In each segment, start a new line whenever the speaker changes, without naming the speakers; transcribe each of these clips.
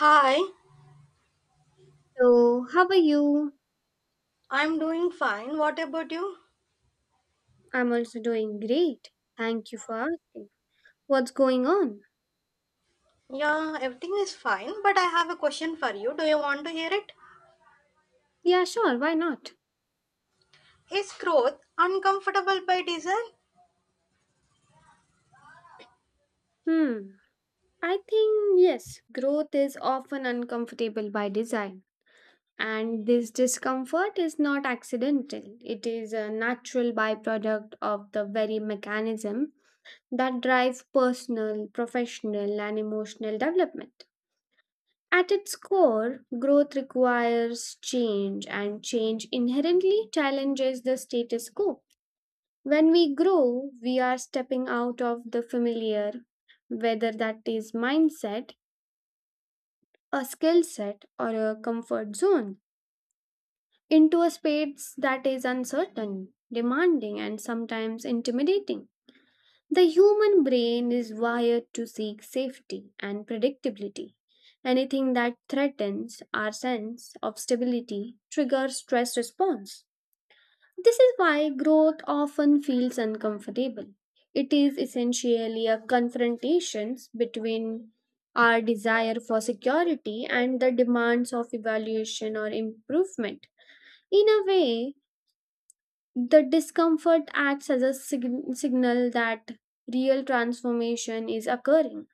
Hi,
So, how are you?
I'm doing fine. What about you?
I'm also doing great. Thank you for asking. What's going on?
Yeah, everything is fine, but I have a question for you. Do you want to hear it?
Yeah, sure, why not?
Is growth uncomfortable by design?
Hmm. I think, yes, growth is often uncomfortable by design. And this discomfort is not accidental, it is a natural byproduct of the very mechanism that drives personal, professional, and emotional development. At its core, growth requires change, and change inherently challenges the status quo. When we grow, we are stepping out of the familiar, whether that is mindset, a skill set, or a comfort zone, into a space that is uncertain, demanding, and sometimes intimidating. The human brain is wired to seek safety and predictability. Anything that threatens our sense of stability triggers stress response. This is why growth often feels uncomfortable. It is essentially a confrontation between our desire for security and the demands of evaluation or improvement. In a way, the discomfort acts as a signal that real transformation is occurring.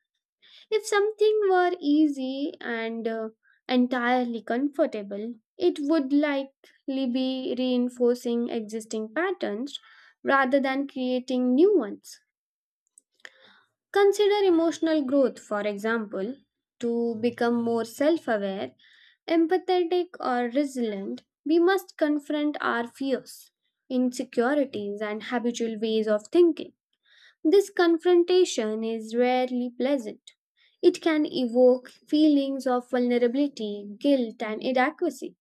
If something were easy and entirely comfortable, it would likely be reinforcing existing patterns rather than creating new ones. Consider emotional growth, for example, to become more self aware, empathetic, or resilient, we must confront our fears, insecurities, and habitual ways of thinking. This confrontation is rarely pleasant. It can evoke feelings of vulnerability, guilt, and inadequacy.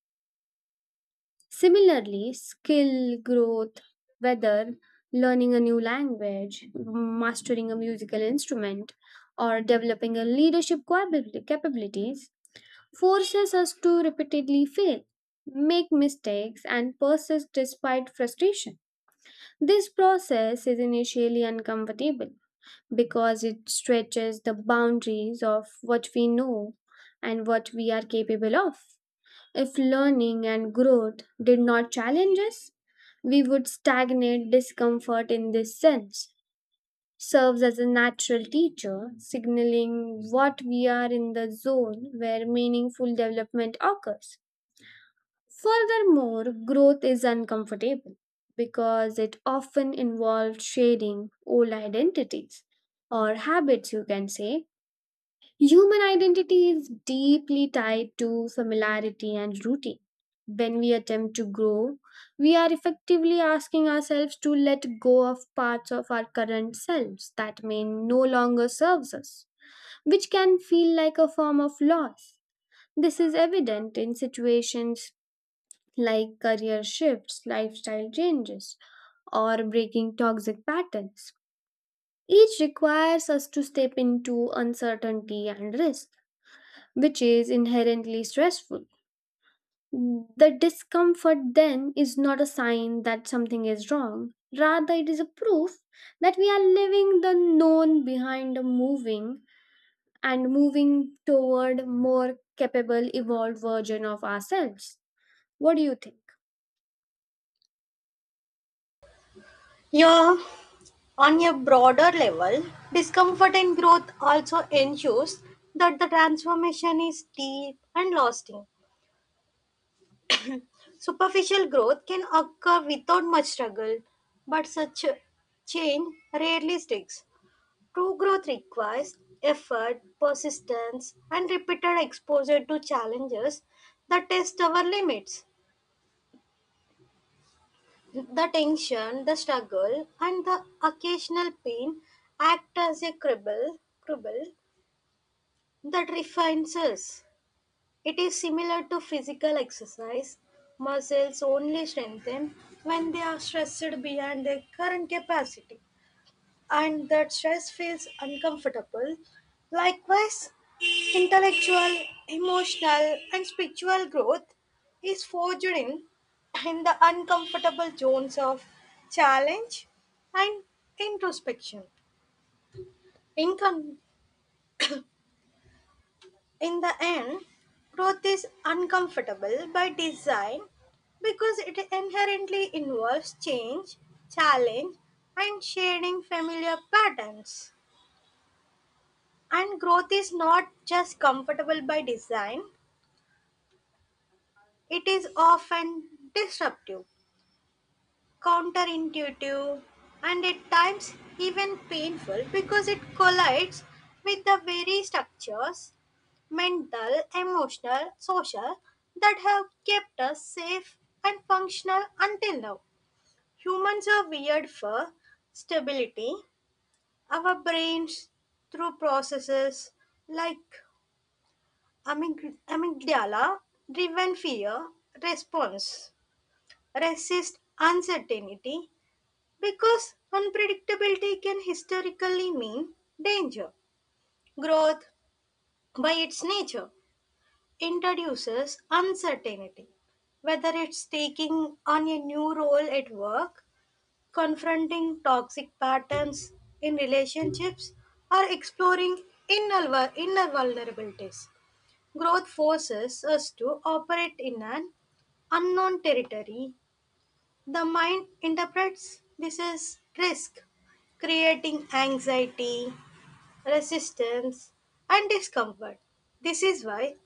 Similarly, skill growth, whether learning a new language, mastering a musical instrument, or developing a leadership capabilities, forces us to repeatedly fail, make mistakes, and persist despite frustration. This process is initially uncomfortable because it stretches the boundaries of what we know and what we are capable of. If learning and growth did not challenge us, we would stagnate discomfort in this sense. Serves as a natural teacher, signaling what we are in the zone where meaningful development occurs. Furthermore, growth is uncomfortable because it often involves shedding old identities or habits, you can say, human identity is deeply tied to familiarity and routine. When we attempt to grow, we are effectively asking ourselves to let go of parts of our current selves that may no longer serves us, which can feel like a form of loss. This is evident in situations like career shifts, lifestyle changes, or breaking toxic patterns. Each requires us to step into uncertainty and risk which is inherently stressful. The discomfort then is not a sign that something is wrong. Rather, it is a proof that we are leaving the known behind the moving and moving toward more capable, evolved version of ourselves. What do you think?
Yeah, on a broader level, discomfort in growth also ensures that the transformation is deep and lasting. Superficial growth can occur without much struggle, but such change rarely sticks. True growth requires effort, persistence, and repeated exposure to challenges that test our limits. The tension, the struggle, and the occasional pain act as a cribble that refines us. It is similar to physical exercise. Muscles only strengthen when they are stressed beyond their current capacity, and that stress feels uncomfortable. Likewise, intellectual, emotional, and spiritual growth is forged in the uncomfortable zones of challenge and introspection. In, con- in the end, growth is uncomfortable by design because it inherently involves change, challenge, and shedding familiar patterns. And growth is not just comfortable by design, it is often disruptive, counterintuitive, and at times even painful because it collides with the very structures mental, emotional, social that have kept us safe and functional until now. Humans are wired for stability. Our brains, through processes like amygdala driven fear response, resist uncertainty because unpredictability can historically mean danger. Growth, by its nature, introduces uncertainty, whether it's taking on a new role at work, confronting toxic patterns in relationships, or exploring inner vulnerabilities. Growth forces us to operate in an unknown territory, the mind interprets this as risk, creating anxiety, resistance, and discomfort. This is why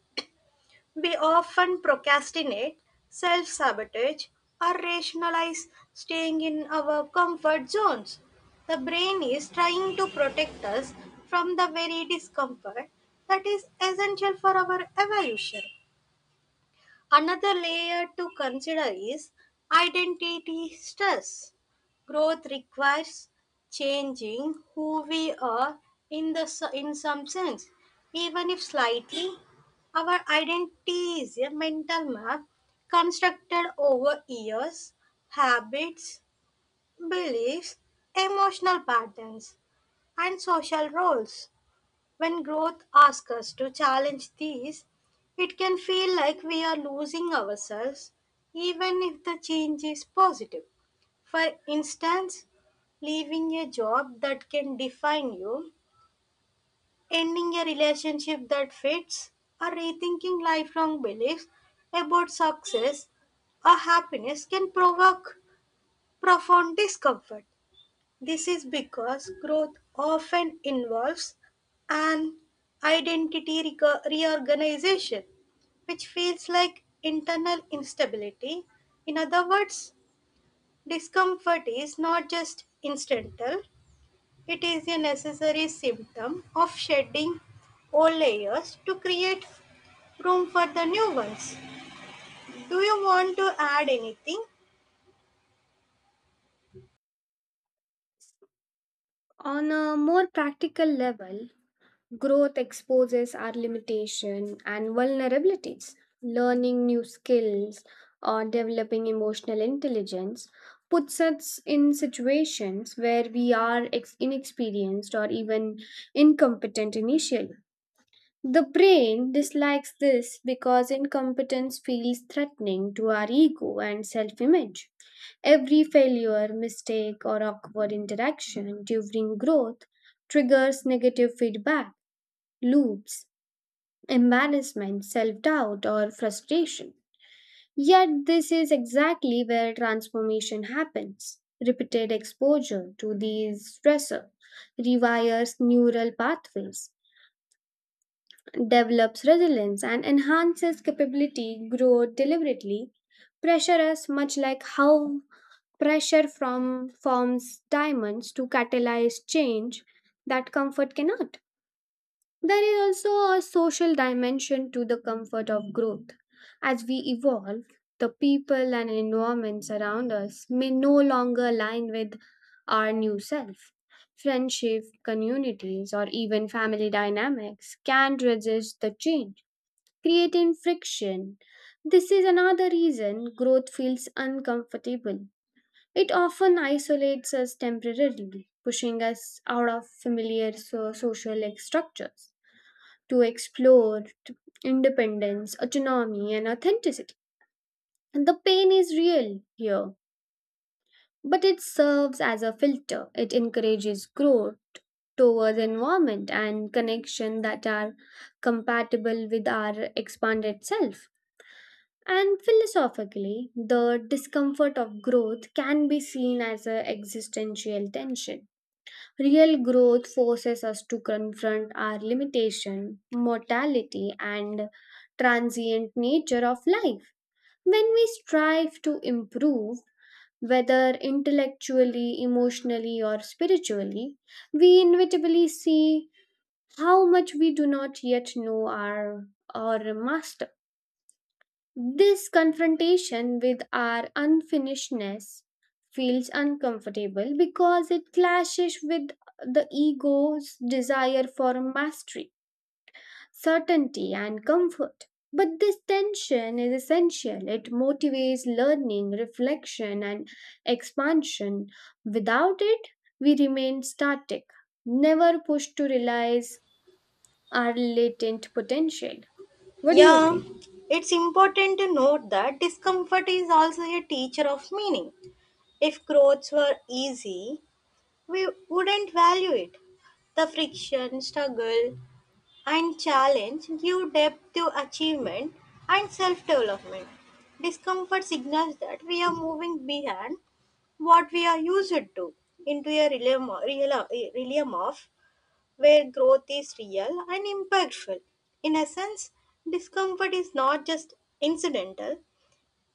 we often procrastinate, self sabotage, or rationalize staying in our comfort zones. The brain is trying to protect us from the very discomfort that is essential for our evolution. Another layer to consider is identity stress. Growth requires changing who we are, in some sense, even if slightly. Our identity is a mental map constructed over years, habits, beliefs, emotional patterns, and social roles. When growth asks us to challenge these, it can feel like we are losing ourselves, even if the change is positive. For instance, leaving a job that can define you, ending a relationship that fits, or rethinking lifelong beliefs about success or happiness can provoke profound discomfort. This is because growth often involves an identity reorganization, which feels like internal instability. In other words, discomfort is not just incidental, it is a necessary symptom of shedding old layers to create room for the new ones. Do you want to add anything?
On a more practical level, growth exposes our limitation and vulnerabilities. Learning new skills or developing emotional intelligence puts us in situations where we are inexperienced or even incompetent initially. The brain dislikes this because incompetence feels threatening to our ego and self image. Every failure, mistake, or awkward interaction during growth triggers negative feedback loops, embarrassment, self doubt, or frustration. Yet, this is exactly where transformation happens. Repeated exposure to these stressors rewires neural pathways, develops resilience, and enhances capability grow deliberately. Pressure is much like how pressure from forms diamonds to catalyze change that comfort cannot. There is also a social dimension to the comfort of growth. As we evolve, the people and environments around us may no longer align with our new self. Friendship, communities, or even family dynamics can resist the change, creating friction. This is another reason growth feels uncomfortable. It often isolates us temporarily, pushing us out of familiar social structures to explore independence, autonomy, and authenticity. And the pain is real here, but it serves as a filter. It encourages growth towards environment and connection that are compatible with our expanded self. And philosophically, the discomfort of growth can be seen as an existential tension. Real growth forces us to confront our limitation, mortality, and transient nature of life. When we strive to improve, whether intellectually, emotionally, or spiritually, we inevitably see how much we do not yet know our or master. This confrontation with our unfinishedness feels uncomfortable because it clashes with the ego's desire for mastery, certainty, and comfort. But this tension is essential. It motivates learning, reflection, and expansion. Without it, we remain static, never pushed to realize our latent potential. What do you
Yeah,
think?
it's important to note that discomfort is also a teacher of meaning. If growths were easy, we wouldn't value it. The friction, struggle, and challenge give depth to achievement and self development. Discomfort signals that we are moving beyond what we are used to, into a realm of where growth is real and impactful. In essence, discomfort is not just incidental,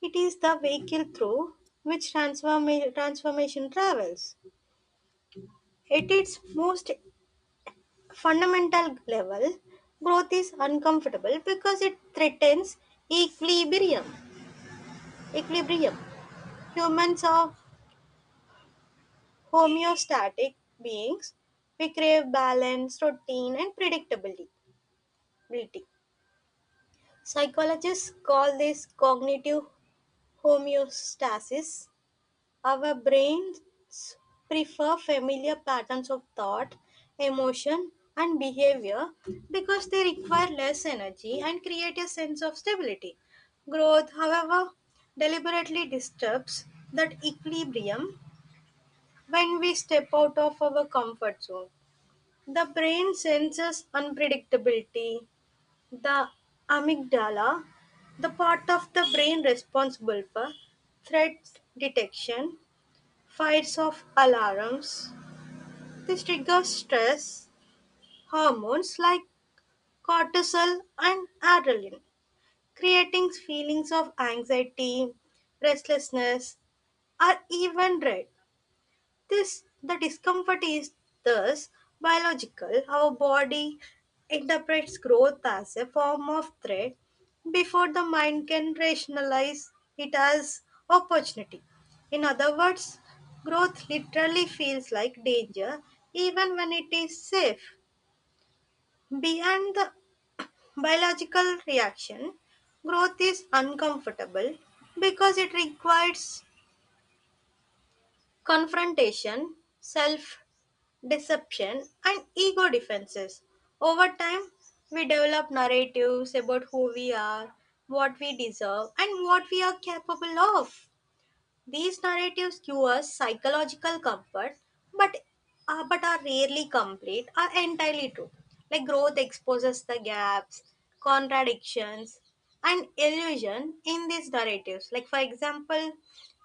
it is the vehicle through which transformation travels. At its most fundamental level, growth is uncomfortable because it threatens equilibrium. equilibrium. Humans are homeostatic beings. We crave balance, routine, and predictability. Psychologists call this cognitive homeostasis. Our brains prefer familiar patterns of thought, emotion, and behavior because they require less energy and create a sense of stability. Growth, however, deliberately disturbs that equilibrium when we step out of our comfort zone. The brain senses unpredictability, the amygdala, the part of the brain responsible for threat detection, fires off alarms. This triggers stress hormones like cortisol and adrenaline, creating feelings of anxiety, restlessness, or even dread. This the discomfort is thus biological. Our body interprets growth as a form of threat before the mind can rationalize it as opportunity. In other words, growth literally feels like danger even when it is safe. Beyond the biological reaction, growth is uncomfortable because it requires confrontation, self deception, and ego defenses. Over time, we develop narratives about who we are, what we deserve, and what we are capable of. These narratives give us psychological comfort, but but are rarely complete or entirely true. Like, growth exposes the gaps, contradictions, and illusion in these narratives. Like, for example,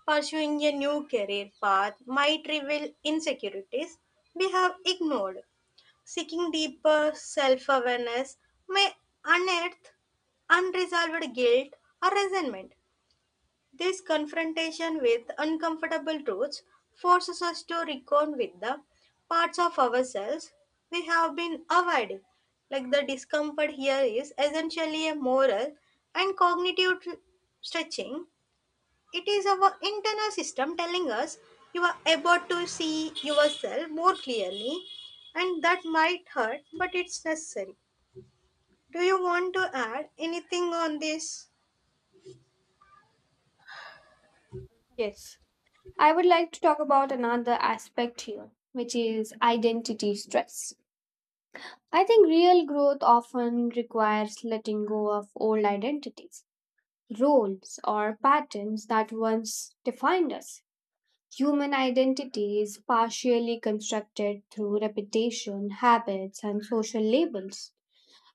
pursuing a new career path might reveal insecurities we have ignored. Seeking deeper self-awareness may unearth unresolved guilt or resentment. This confrontation with uncomfortable truths forces us to reckon with the parts of ourselves we have been avoiding. Like, the discomfort here is essentially a moral and cognitive stretching. It is our internal system telling us you are able to see yourself more clearly, and that might hurt, but it's necessary. Do you want to add anything on this?
Yes. I would like to talk about another aspect here, which is identity stress. I think real growth often requires letting go of old identities, roles, or patterns that once defined us. Human identity is partially constructed through reputation, habits, and social labels.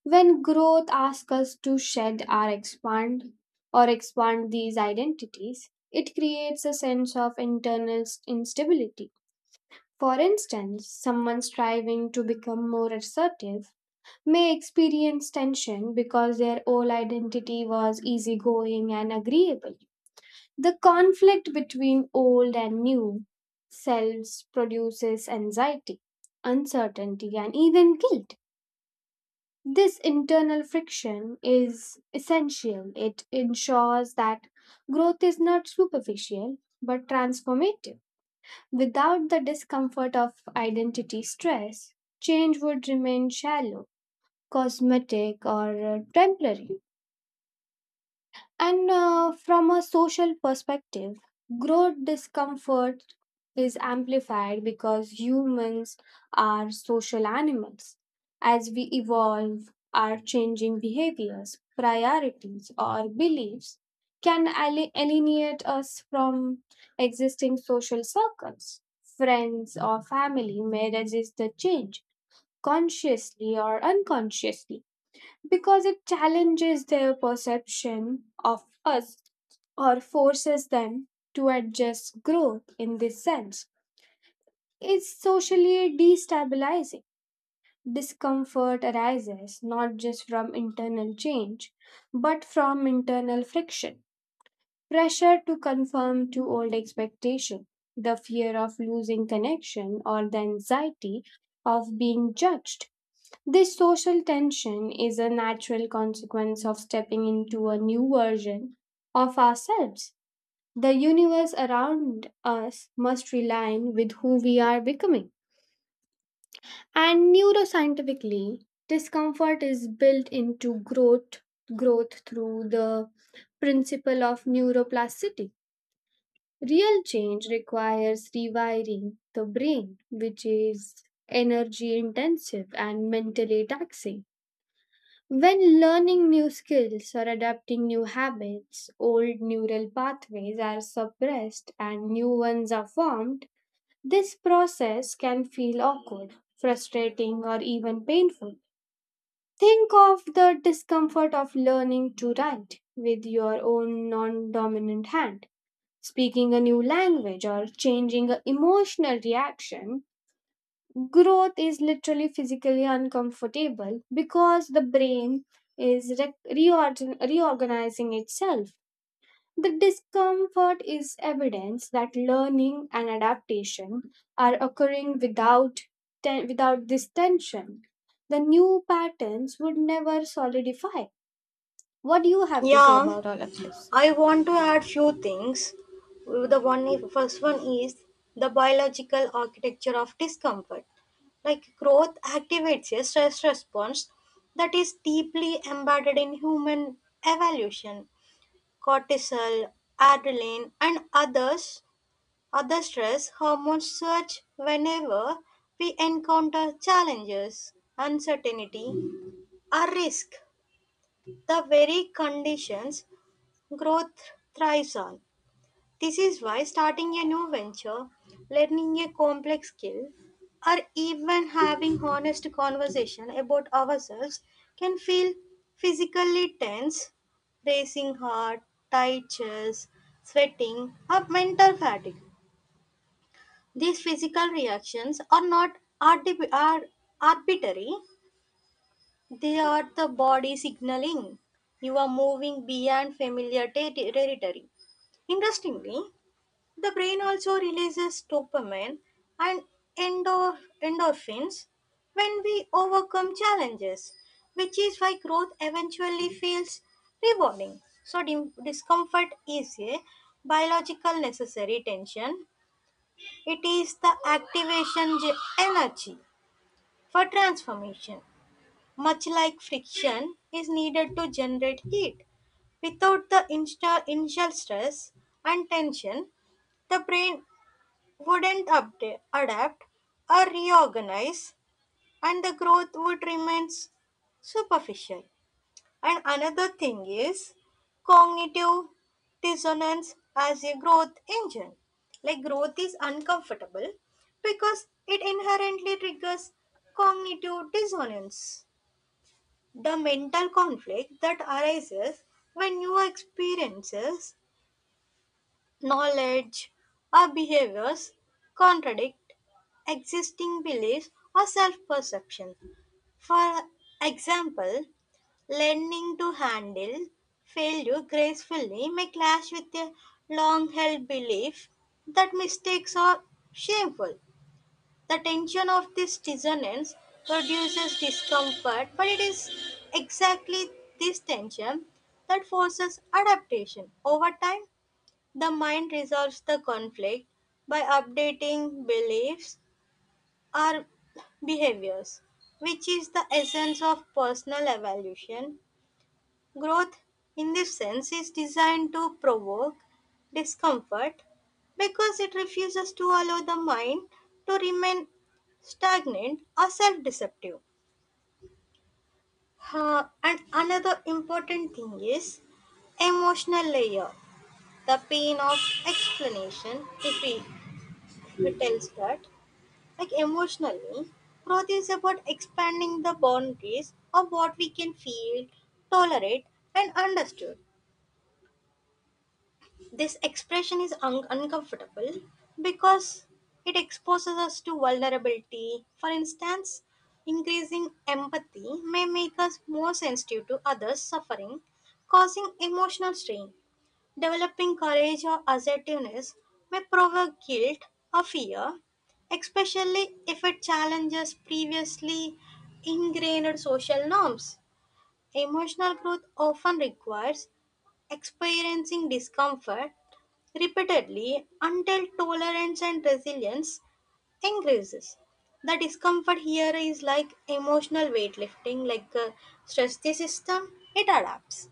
When growth asks us to shed or expand these identities, it creates a sense of internal instability. For instance, someone striving to become more assertive may experience tension because their old identity was easygoing and agreeable. The conflict between old and new selves produces anxiety, uncertainty, and even guilt. This internal friction is essential. It ensures that growth is not superficial but transformative. Without the discomfort of identity stress, change would remain shallow, cosmetic, or temporary. And From a social perspective, growth discomfort is amplified because humans are social animals. As we evolve, our changing behaviors, priorities, or beliefs can alienate us from existing social circles. Friends or family may resist the change consciously or unconsciously because it challenges their perception of us or forces them to adjust growth in this sense. It's socially destabilizing. Discomfort arises not just from internal change, but from internal friction, pressure to conform to old expectation, the fear of losing connection, or the anxiety of being judged. This social tension is a natural consequence of stepping into a new version of ourselves. The universe around us must realign with who we are becoming. And neuroscientifically, discomfort is built into growth through the principle of neuroplasticity. Real change requires rewiring the brain, which is energy intensive and mentally taxing. When learning new skills or adapting new habits, old neural pathways are suppressed and new ones are formed. This process can feel awkward, frustrating, or even painful. Think of the discomfort of learning to write with your own non dominant hand, speaking a new language, or changing an emotional reaction. Growth is literally physically uncomfortable because the brain is reorganizing itself. The discomfort is evidence that learning and adaptation are occurring without, without this tension. The new patterns would never solidify. What do you have to say
Yeah,
about all of this?
I want to add few things. The one is, first one is, the biological architecture of discomfort. Like, growth activates a stress response that is deeply embedded in human evolution. Cortisol, adrenaline, and other stress hormones surge whenever we encounter challenges, uncertainty, or risk. The very conditions growth thrives on. This is why starting a new venture, learning a complex skill, or even having honest conversation about ourselves can feel physically tense: racing heart, tight chest, sweating, or mental fatigue. These physical reactions are not arti- are arbitrary, they are the body signaling you are moving beyond familiar territory. Interestingly, the brain also releases dopamine and endorphins when we overcome challenges, which is why growth eventually feels rewarding. So, discomfort is a biological necessary tension, it is the activation energy for transformation, much like friction is needed to generate heat. Without the initial stress and tension, the brain wouldn't update, adapt, or reorganize, and the growth would remain superficial. And another thing is cognitive dissonance as a growth engine. Like, growth is uncomfortable because it inherently triggers cognitive dissonance, the mental conflict that arises when new experiences, knowledge, or behaviors contradict existing beliefs or self perception. For example, learning to handle failure gracefully may clash with a long held belief that mistakes are shameful. The tension of this dissonance produces discomfort, but it is exactly this tension that forces adaptation over time. The mind resolves the conflict by updating beliefs or behaviors, which is the essence of personal evolution. Growth, in this sense, is designed to provoke discomfort because it refuses to allow the mind to remain stagnant or self deceptive. And another important thing is emotional layer, the pain of explanation, if we tells that. Like, emotionally, growth is about expanding the boundaries of what we can feel, tolerate, and understood. This expression is uncomfortable because it exposes us to vulnerability. For instance, increasing empathy may make us more sensitive to others' suffering, causing emotional strain. Developing courage or assertiveness may provoke guilt or fear, especially if it challenges previously ingrained social norms. Emotional growth often requires experiencing discomfort repeatedly until tolerance and resilience increases. The discomfort here is like emotional weightlifting, like stress the system, it adapts.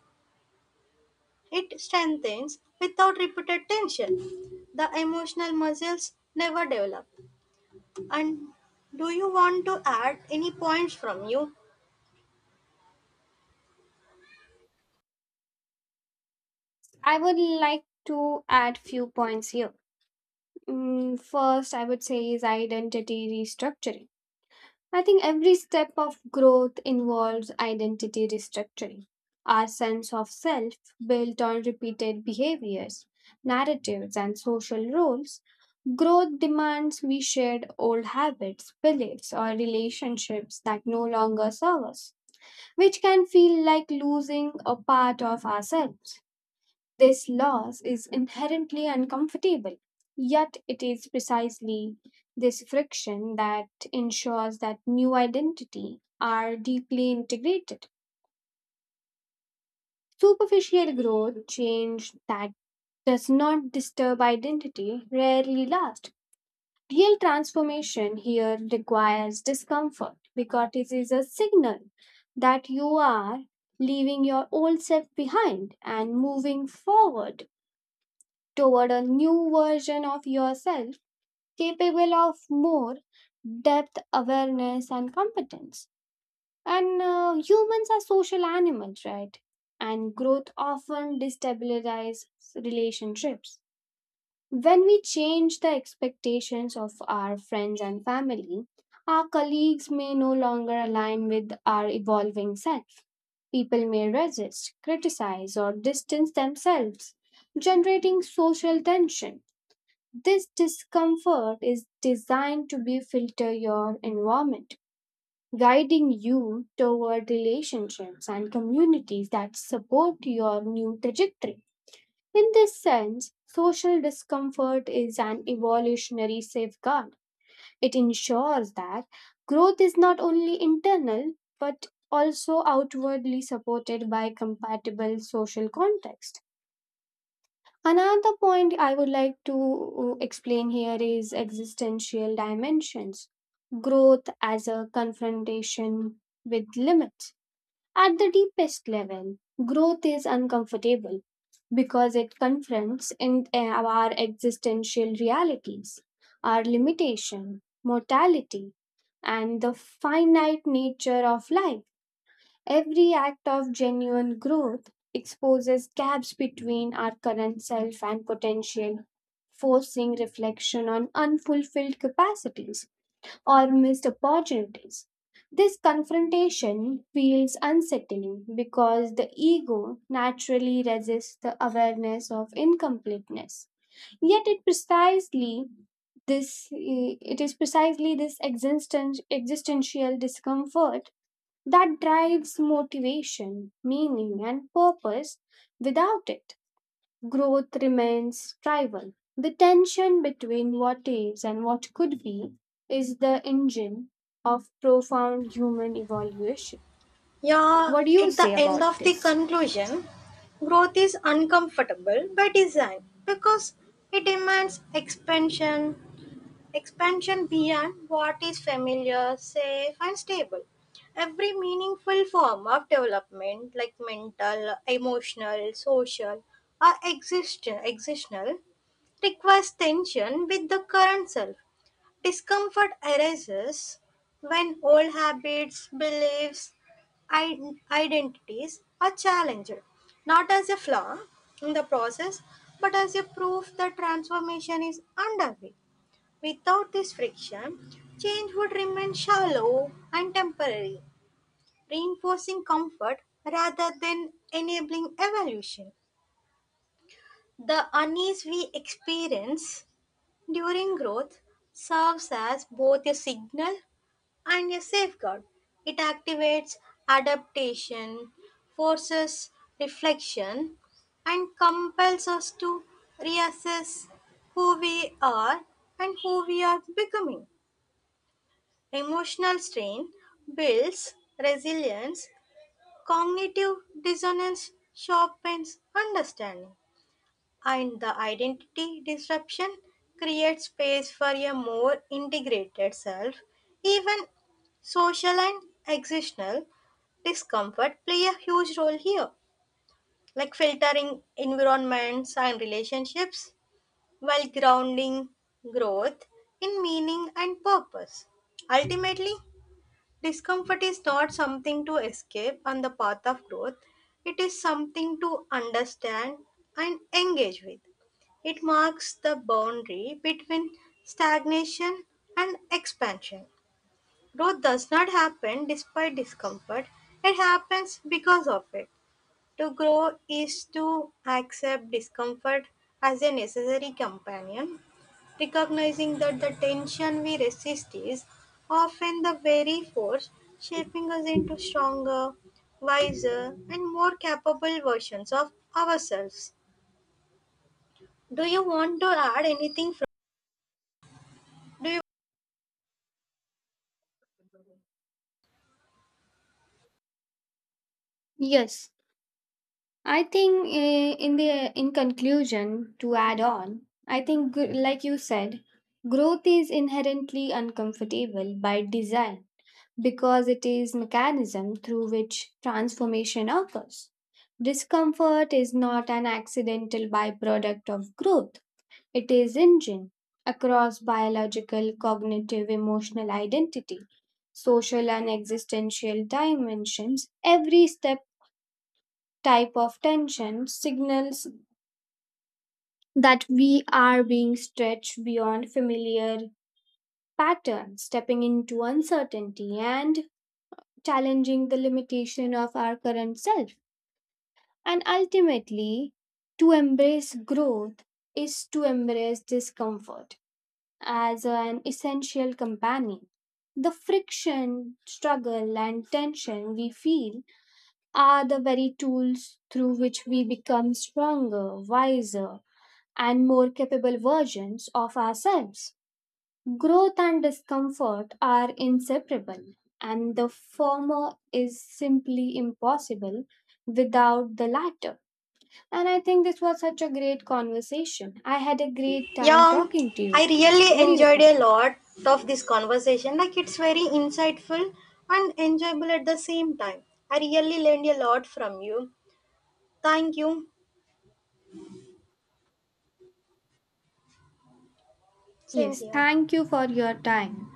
It strengthens without repeated tension. The emotional muscles never develop. And do you want to add any points from you?
I would like to add few points here. Mm, first, I would say is identity restructuring. I think every step of growth involves identity restructuring. Our sense of self, built on repeated behaviors, narratives, and social roles, growth demands we shed old habits, beliefs, or relationships that no longer serve us, which can feel like losing a part of ourselves. This loss is inherently uncomfortable, yet, it is precisely this friction that ensures that new identity are deeply integrated. Superficial growth, change that does not disturb identity, rarely lasts. Real transformation here requires discomfort because it is a signal that you are leaving your old self behind and moving forward toward a new version of yourself capable of more depth, awareness, and competence. And Humans are social animals, right? And growth often destabilizes relationships. When we change the expectations of our friends and family, our colleagues may no longer align with our evolving self. People may resist, criticize, or distance themselves, generating social tension. This discomfort is designed to be filter your environment, guiding you toward relationships and communities that support your new trajectory. In this sense, social discomfort is an evolutionary safeguard. It ensures that growth is not only internal but also outwardly supported by compatible social context. Another point I would like to explain here is existential dimensions. Growth as a confrontation with limits. At the deepest level, growth is uncomfortable because it confronts in our existential realities, our limitation, mortality, and the finite nature of life. Every act of genuine growth exposes gaps between our current self and potential, forcing reflection on unfulfilled capacities or missed opportunities. This confrontation feels unsettling because the ego naturally resists the awareness of incompleteness. Yet it precisely this eh, it is precisely this existential discomfort that drives motivation, meaning, and purpose. Without it, growth remains trivial. The tension between what is and what could be is the engine of profound human evolution.
Yeah,
What do you
at the
say
end
about
of the
this?
conclusion, growth is uncomfortable by design because it demands expansion beyond what is familiar, safe, and stable. Every meaningful form of development, like mental, emotional, social, or existential, requires tension with the current self. Discomfort arises when old habits, beliefs, identities are challenged, not as a flaw in the process, but as a proof that transformation is underway. Without this friction, change would remain shallow and temporary, reinforcing comfort rather than enabling evolution. The unease we experience during growth serves as both a signal and a safeguard. It activates adaptation, forces reflection, and compels us to reassess who we are and who we are becoming. Emotional strain builds resilience, cognitive dissonance sharpens understanding, and the identity disruption creates space for a more integrated self. Even social and existential discomfort play a huge role here, like filtering environments and relationships while grounding growth in meaning and purpose. Ultimately, discomfort is not something to escape on the path of growth, it is something to understand and engage with. It marks the boundary between stagnation and expansion. Growth does not happen despite discomfort, it happens because of it. To grow is to accept discomfort as a necessary companion, recognizing that the tension we resist is often the very force shaping us into stronger, wiser, and more capable versions of ourselves. Do you want to add anything from? Do you?
Yes, I think in conclusion to add on, I think like you said, growth is inherently uncomfortable by design because it is mechanism through which transformation occurs. Discomfort is not an accidental byproduct of growth. It is engine across biological, cognitive, emotional identity, social and existential dimensions. Every step type of tension signals that we are being stretched beyond familiar patterns, stepping into uncertainty and challenging the limitation of our current self. And ultimately, to embrace growth is to embrace discomfort as an essential companion. The friction, struggle, and tension we feel are the very tools through which we become stronger, wiser, and more capable versions of ourselves. Growth and discomfort are inseparable, and the former is simply impossible without the latter. And I think this was such a great conversation. I had a great time
Yeah,
talking to you.
I really
What do you
enjoyed
think?
a lot of this conversation. Like, it's very insightful and enjoyable at the same time. I really learned a lot from you. Thank you. Same
Yes,
here.
thank you for your time.